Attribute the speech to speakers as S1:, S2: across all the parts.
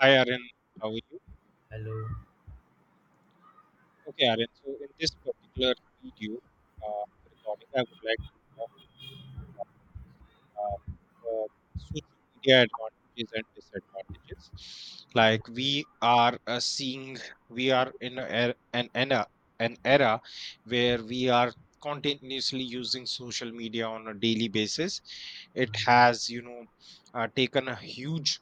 S1: Hi Aaron, how are you?
S2: Hello.
S1: Okay, Aaron. So in this particular video, uh, recording, I would like to talk about uh, social media advantages and disadvantages. Like we are seeing, we are in a, an era where we are continuously using social media on a daily basis. It has, taken a huge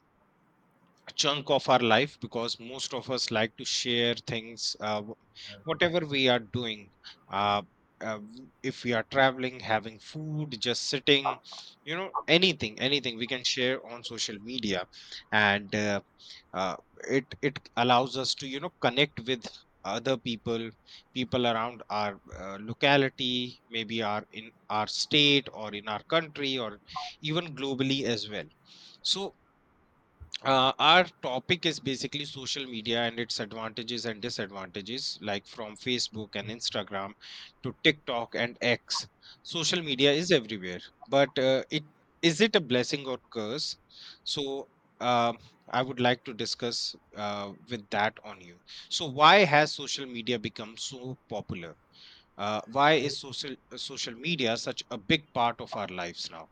S1: chunk of our life because most of us like to share things, whatever we are doing, uh, if we are traveling, having food, just sitting, you know, anything we can share on social media. And uh, uh, it it allows us to, you know, connect with other people around our locality, maybe our in our state or in our country, or even globally as well. So our topic is basically social media and its advantages and disadvantages, like from Facebook and Instagram to TikTok and X. Social media is everywhere, but it is it a blessing or curse? So um I would like to discuss with that on you. So why has social media become so popular? Why
S2: So,
S1: is social media such a big part of our lives now?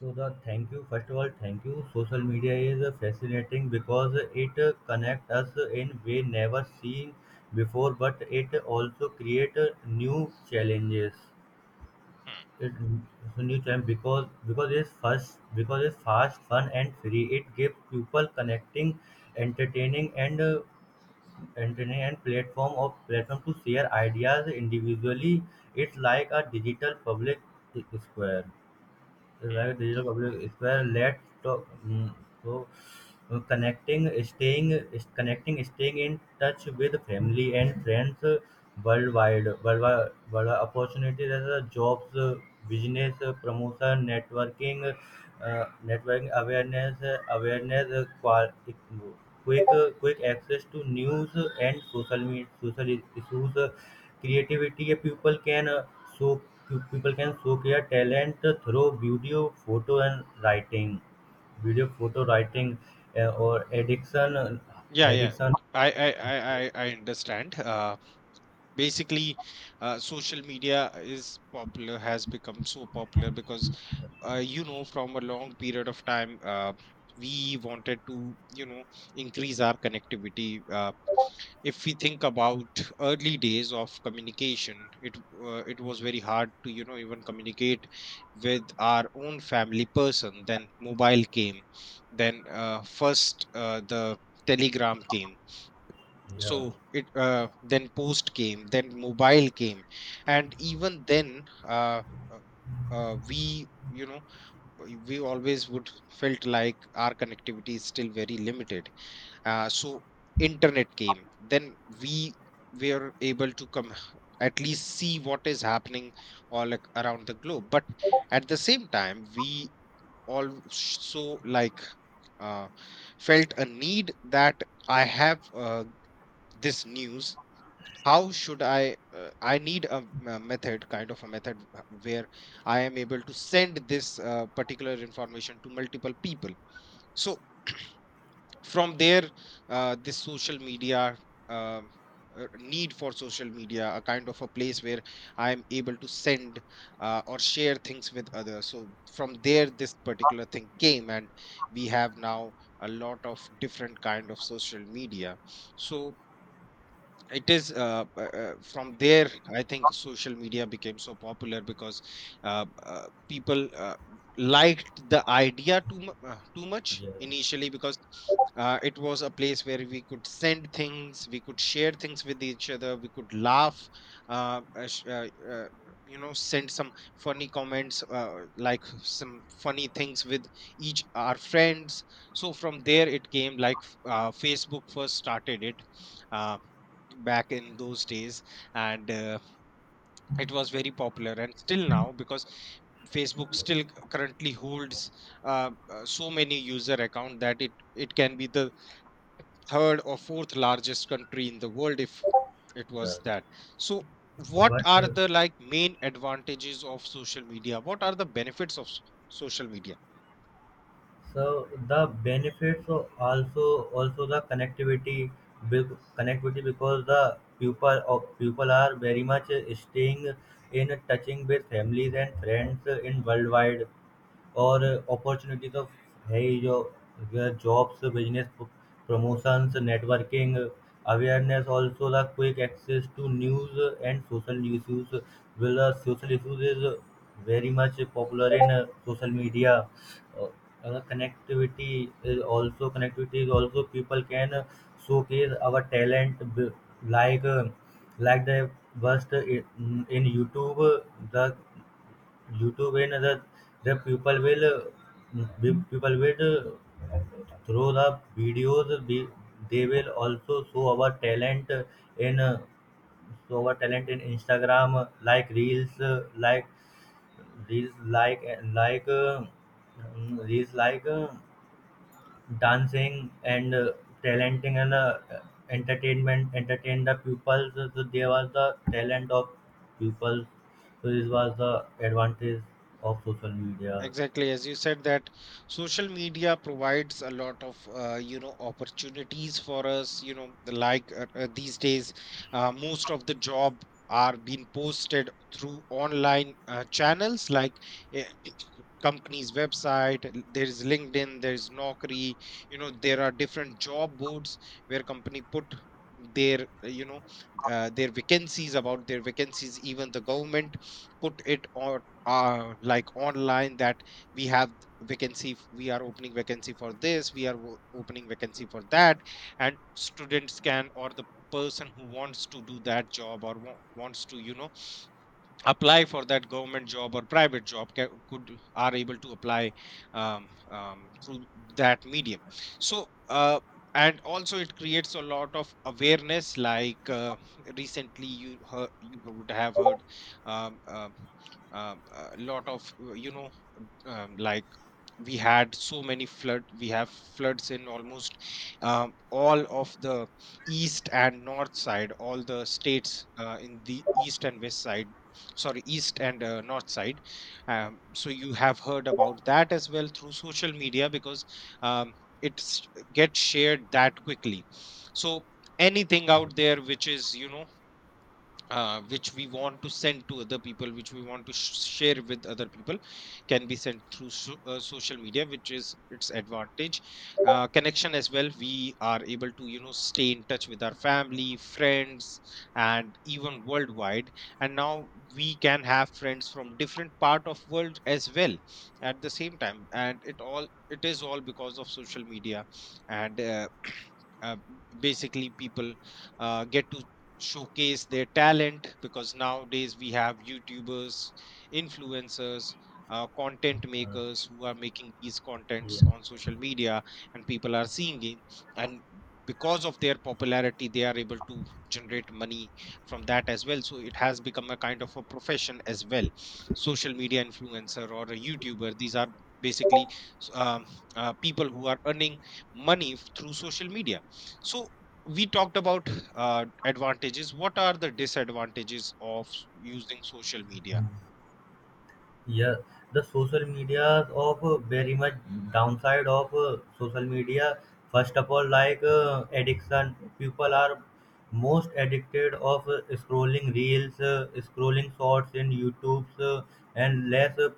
S2: so the thank you. First of all, Thank you. Social media is fascinating because it connect us in way never seen before, but it also create new challenges.
S1: Hmm,
S2: It so New challenge because it's first because it's fast, fun, and free. It gives people connecting, entertaining, and platform to share ideas individually. It's like a digital public square,
S1: hmm.
S2: right? Digital public square led to so connecting staying in touch with family and friends worldwide opportunities as a jobs, business promotion, networking, awareness, quick quick access to news and social media, social issues, creativity. A people can show show their talent through video photo and writing video photo writing, or addiction,
S1: Yeah, yeah.
S2: addiction
S1: I understand. Basically social media is popular has become so popular because, you know, from a long period of time, we wanted to, you know, increase our connectivity. If we think about early days of communication, it was very hard to, you know, even communicate with our own family person. Then mobile came, then first the telegram came.
S2: yeah
S1: So it then post came, then mobile came. And even then, uh, we, you know, we always would felt like our connectivity is still very limited. So internet came, then we were able to come at least see what is happening all around the globe. But at the same time, we also like, uh, felt a need that I have, this news. How should I need a, a method, kind of a method, where I am able to send this particular information to multiple people. So from there, this social media, um, need for social media, a kind of a place where I am able to send or share things with others. So from there this particular thing came, and we have now a lot of different kind of social media. So it is, from there I think social media became so popular because, people liked the idea too much
S2: yeah
S1: initially, because it was a place where we could send things, we could share things with each other, we could laugh, uh, uh, sh- uh, uh, you know, send some funny comments, like some funny things with each our friends. So from there it came like, Facebook first started it, uh, back in those days. And it was very popular and still now, because Facebook still currently holds so many user account that it can be the third or fourth largest country in the world if it
S2: yeah,
S1: was that. So what
S2: but
S1: are the like main advantages of social media? What are the benefits of social media?
S2: so the benefits of, also, also the connectivity, connectivity, because the people are very much staying in touching with families and friends in worldwide. और opportunity तो है ही जो jobs business promotions networking awareness also तक कुछ access to news and social newses will a social issues very much popular in social media connectivity connectivity is also people can showcase our talent will like like the were YouTube and other, the people will throw the videos. They will also show our talent in show our talent in Instagram, like reels, like reels like like mm, reels like dancing and talenting and entertainment, entertain the pupils, so they was the talent of pupils. So this was the advantage of social media.
S1: Exactly, as you said that social media provides a lot of, you know, opportunities for us. You know, these days, most of the job are being posted through online channels like uh, companies' website. There is LinkedIn, there is Naukri. You know, there are different job boards where company put their, you know, their vacancies, about their vacancies. Even the government put it on, like online, that we have vacancy, we are opening vacancy for this, we are opening vacancy for that, and students can, or the person who wants to do that job or wants to, you know, apply for that government job or private job could are able to apply through that medium. So and also it creates a lot of awareness, like recently you heard, you would have heard, um, um, a lot of, you know, like we had so many flood, we have floods in almost all of the east and north side, all the states in the east and west side, sorry east and north side. So you have heard about that as well through social media, because um, it gets shared that quickly. So anything out there which is, you know, which we want to send to other people, which we want to share with other people, can be sent through social media, which is its advantage. Connection as well, we are able to, you know, stay in touch with our family, friends, and even worldwide. And now we can have friends from different part of world as well at the same time, and it is all because of social media and. uh, Basically people get to showcase their talent, because nowadays we have youtubers, influencers, content makers who are making these
S2: Yeah.
S1: contents on social media, and people are seeing it, and because of their popularity they are able to generate money from that as well. So it has become a kind of a profession as well. Social media influencer or a youtuber, these are basically, s- um, people who are earning money through social media. So we talked about advantages. What are the disadvantages of using social media?
S2: Yeah, the social media of Very much downside of social media. First of all, like addiction, people are most addicted of scrolling reels, scrolling shorts in YouTube's, uh, and less uh,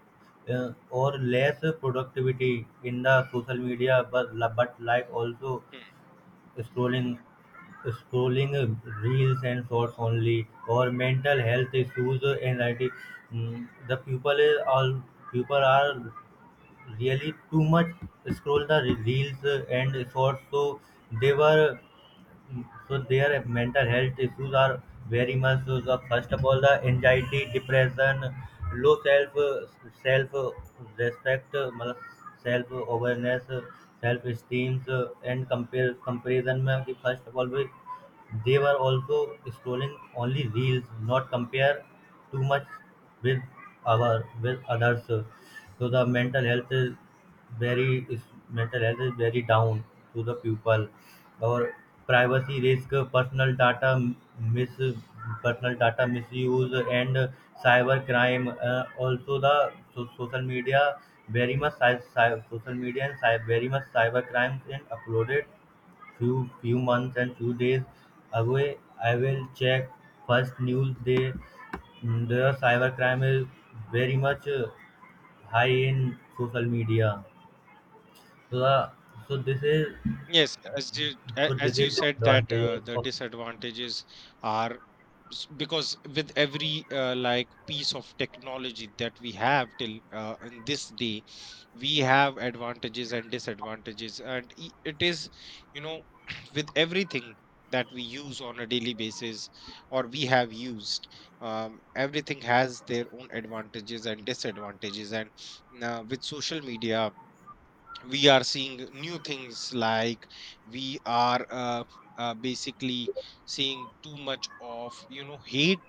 S2: uh, or less productivity in the social media. But like also scrolling, reels and shorts only, or mental health issues, anxiety. The people is all People are really too much scroll the reels and shorts, so they were, so their mental health issues are very much. So the first of all, the anxiety, depression, low self respect, self awareness, self esteem, and compare comparison. में कि first of all we, they were also scrolling only reels, not compare too much with our with others. So the mental health is very is mental health is very down to the people. Or privacy risk, personal data, mis personal data misuse and cyber crime. Also the, so social media, very much social media and very much cyber crimes and uploaded, few months and few days away, I will check first news day. The cyber crime is very much high in social media. So, the, so this is
S1: Yes, as
S2: so this
S1: you
S2: is the
S1: said that,
S2: advantages
S1: the
S2: of
S1: disadvantages are, because with every, like piece of technology that we have till, in this day, we have advantages and disadvantages, and it is, you know, with everything that we use on a daily basis or we have used, everything has their own advantages and disadvantages. And with social media we are seeing new things, like we are, basically seeing too much of, you know, hate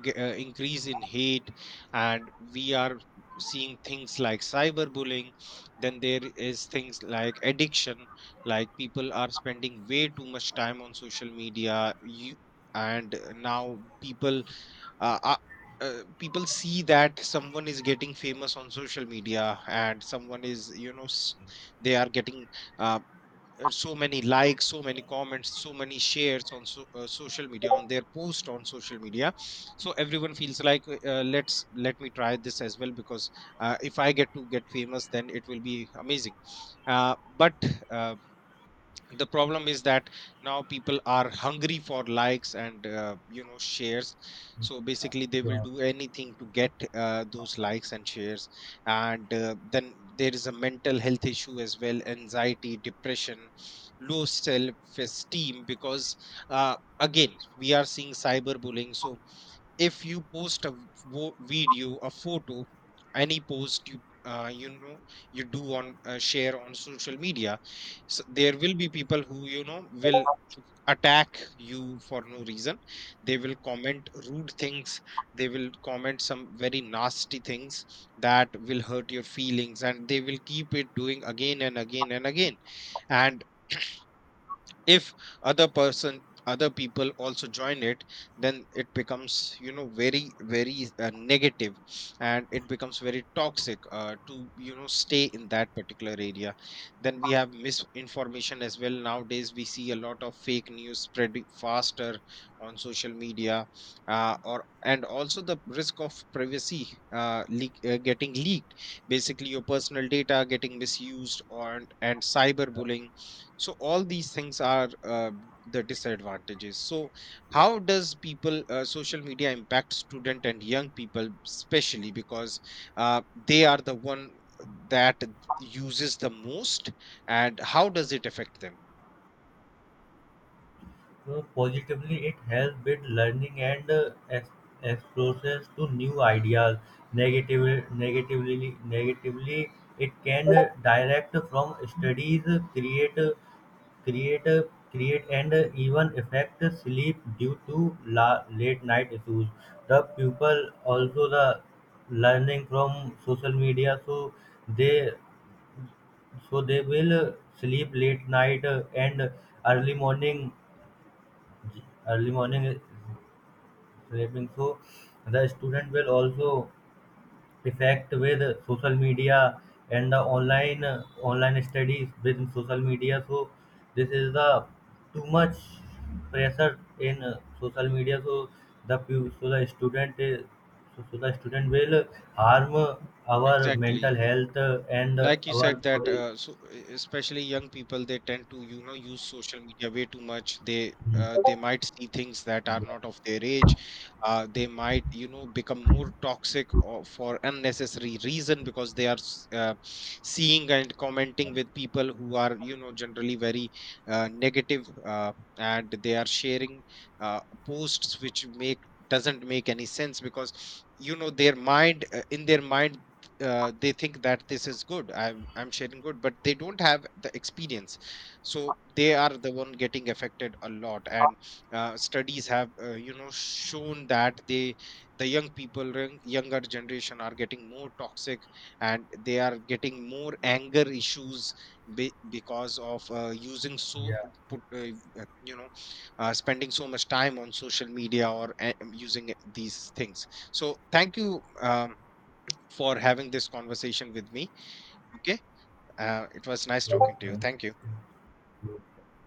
S1: g- uh, increase in hate, and we are seeing things like cyberbullying. Then there is things like addiction, like people are spending way too much time on social media. You, and now people uh, uh, people see that someone is getting famous on social media, and someone is, you know, they are getting, uh, so many likes, so many comments, so many shares on social media, on their post on social media. So everyone feels like, let's, let me try this as well, because if I get to get famous, then it will be amazing. Uh, but uh, the problem is that now people are hungry for likes and, you know, shares. So basically they will
S2: QR.
S1: do anything to get those likes and shares. And then there is a mental health issue as well, anxiety, depression, low self esteem, because again we are seeing cyberbullying. So if you post a video, a photo, any post you, you know, you do on share on social media, so there will be people who, you know, will attack you for no reason. They will comment rude things, they will comment some very nasty things that will hurt your feelings, and they will keep it doing again and again and again. And if other person, other people also join it, then it becomes, you know, very negative, and it becomes very toxic to, you know, stay in that particular area. Then we have misinformation as well, nowadays we see a lot of fake news spreading faster on social media, or and also the risk of privacy leak, getting leaked, basically your personal data getting misused, or and cyberbullying. So all these things are the disadvantages. So how does people social media impact student and young people, especially because uh, they are the one that uses the most, and how does it affect them?
S2: So positively, it helps with learning and exposures to new ideas. Negatively, it can direct from studies, create, uh, create, and even affect sleep due to late night issues. The pupil also the learning from social media, so they, so they will sleep late night and early morning. Early morning is sleeping. So the student will also affect with social media and the online, online studies within social media. So this is the too much pressure in social media. So the the student is, so the student will harm our
S1: Exactly.
S2: mental health and
S1: Like you
S2: our
S1: said that,
S2: body.
S1: so especially young people, they tend to, you know, use social media way too much. They,
S2: Mm.
S1: they might see things that are not of their age. They might, you know, become more toxic or for unnecessary reason, because they are, seeing and commenting with people who are, you know, generally very negative, and they are sharing posts which make doesn't make any sense, because, you know, their mind, in their mind, they think that this is good, I'm sharing good, but they don't have the experience. So they are the one getting affected a lot. And studies have, you know, shown that the young people, younger generation are getting more toxic, and they are getting more anger issues, because of, using so
S2: Yeah.
S1: put, uh, you know, spending so much time on social media, or using these things. So thank you, for having this conversation with me. Okay. It was nice
S2: Two
S1: talking to you.
S2: French
S1: Thank you.
S2: groups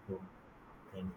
S2: formed an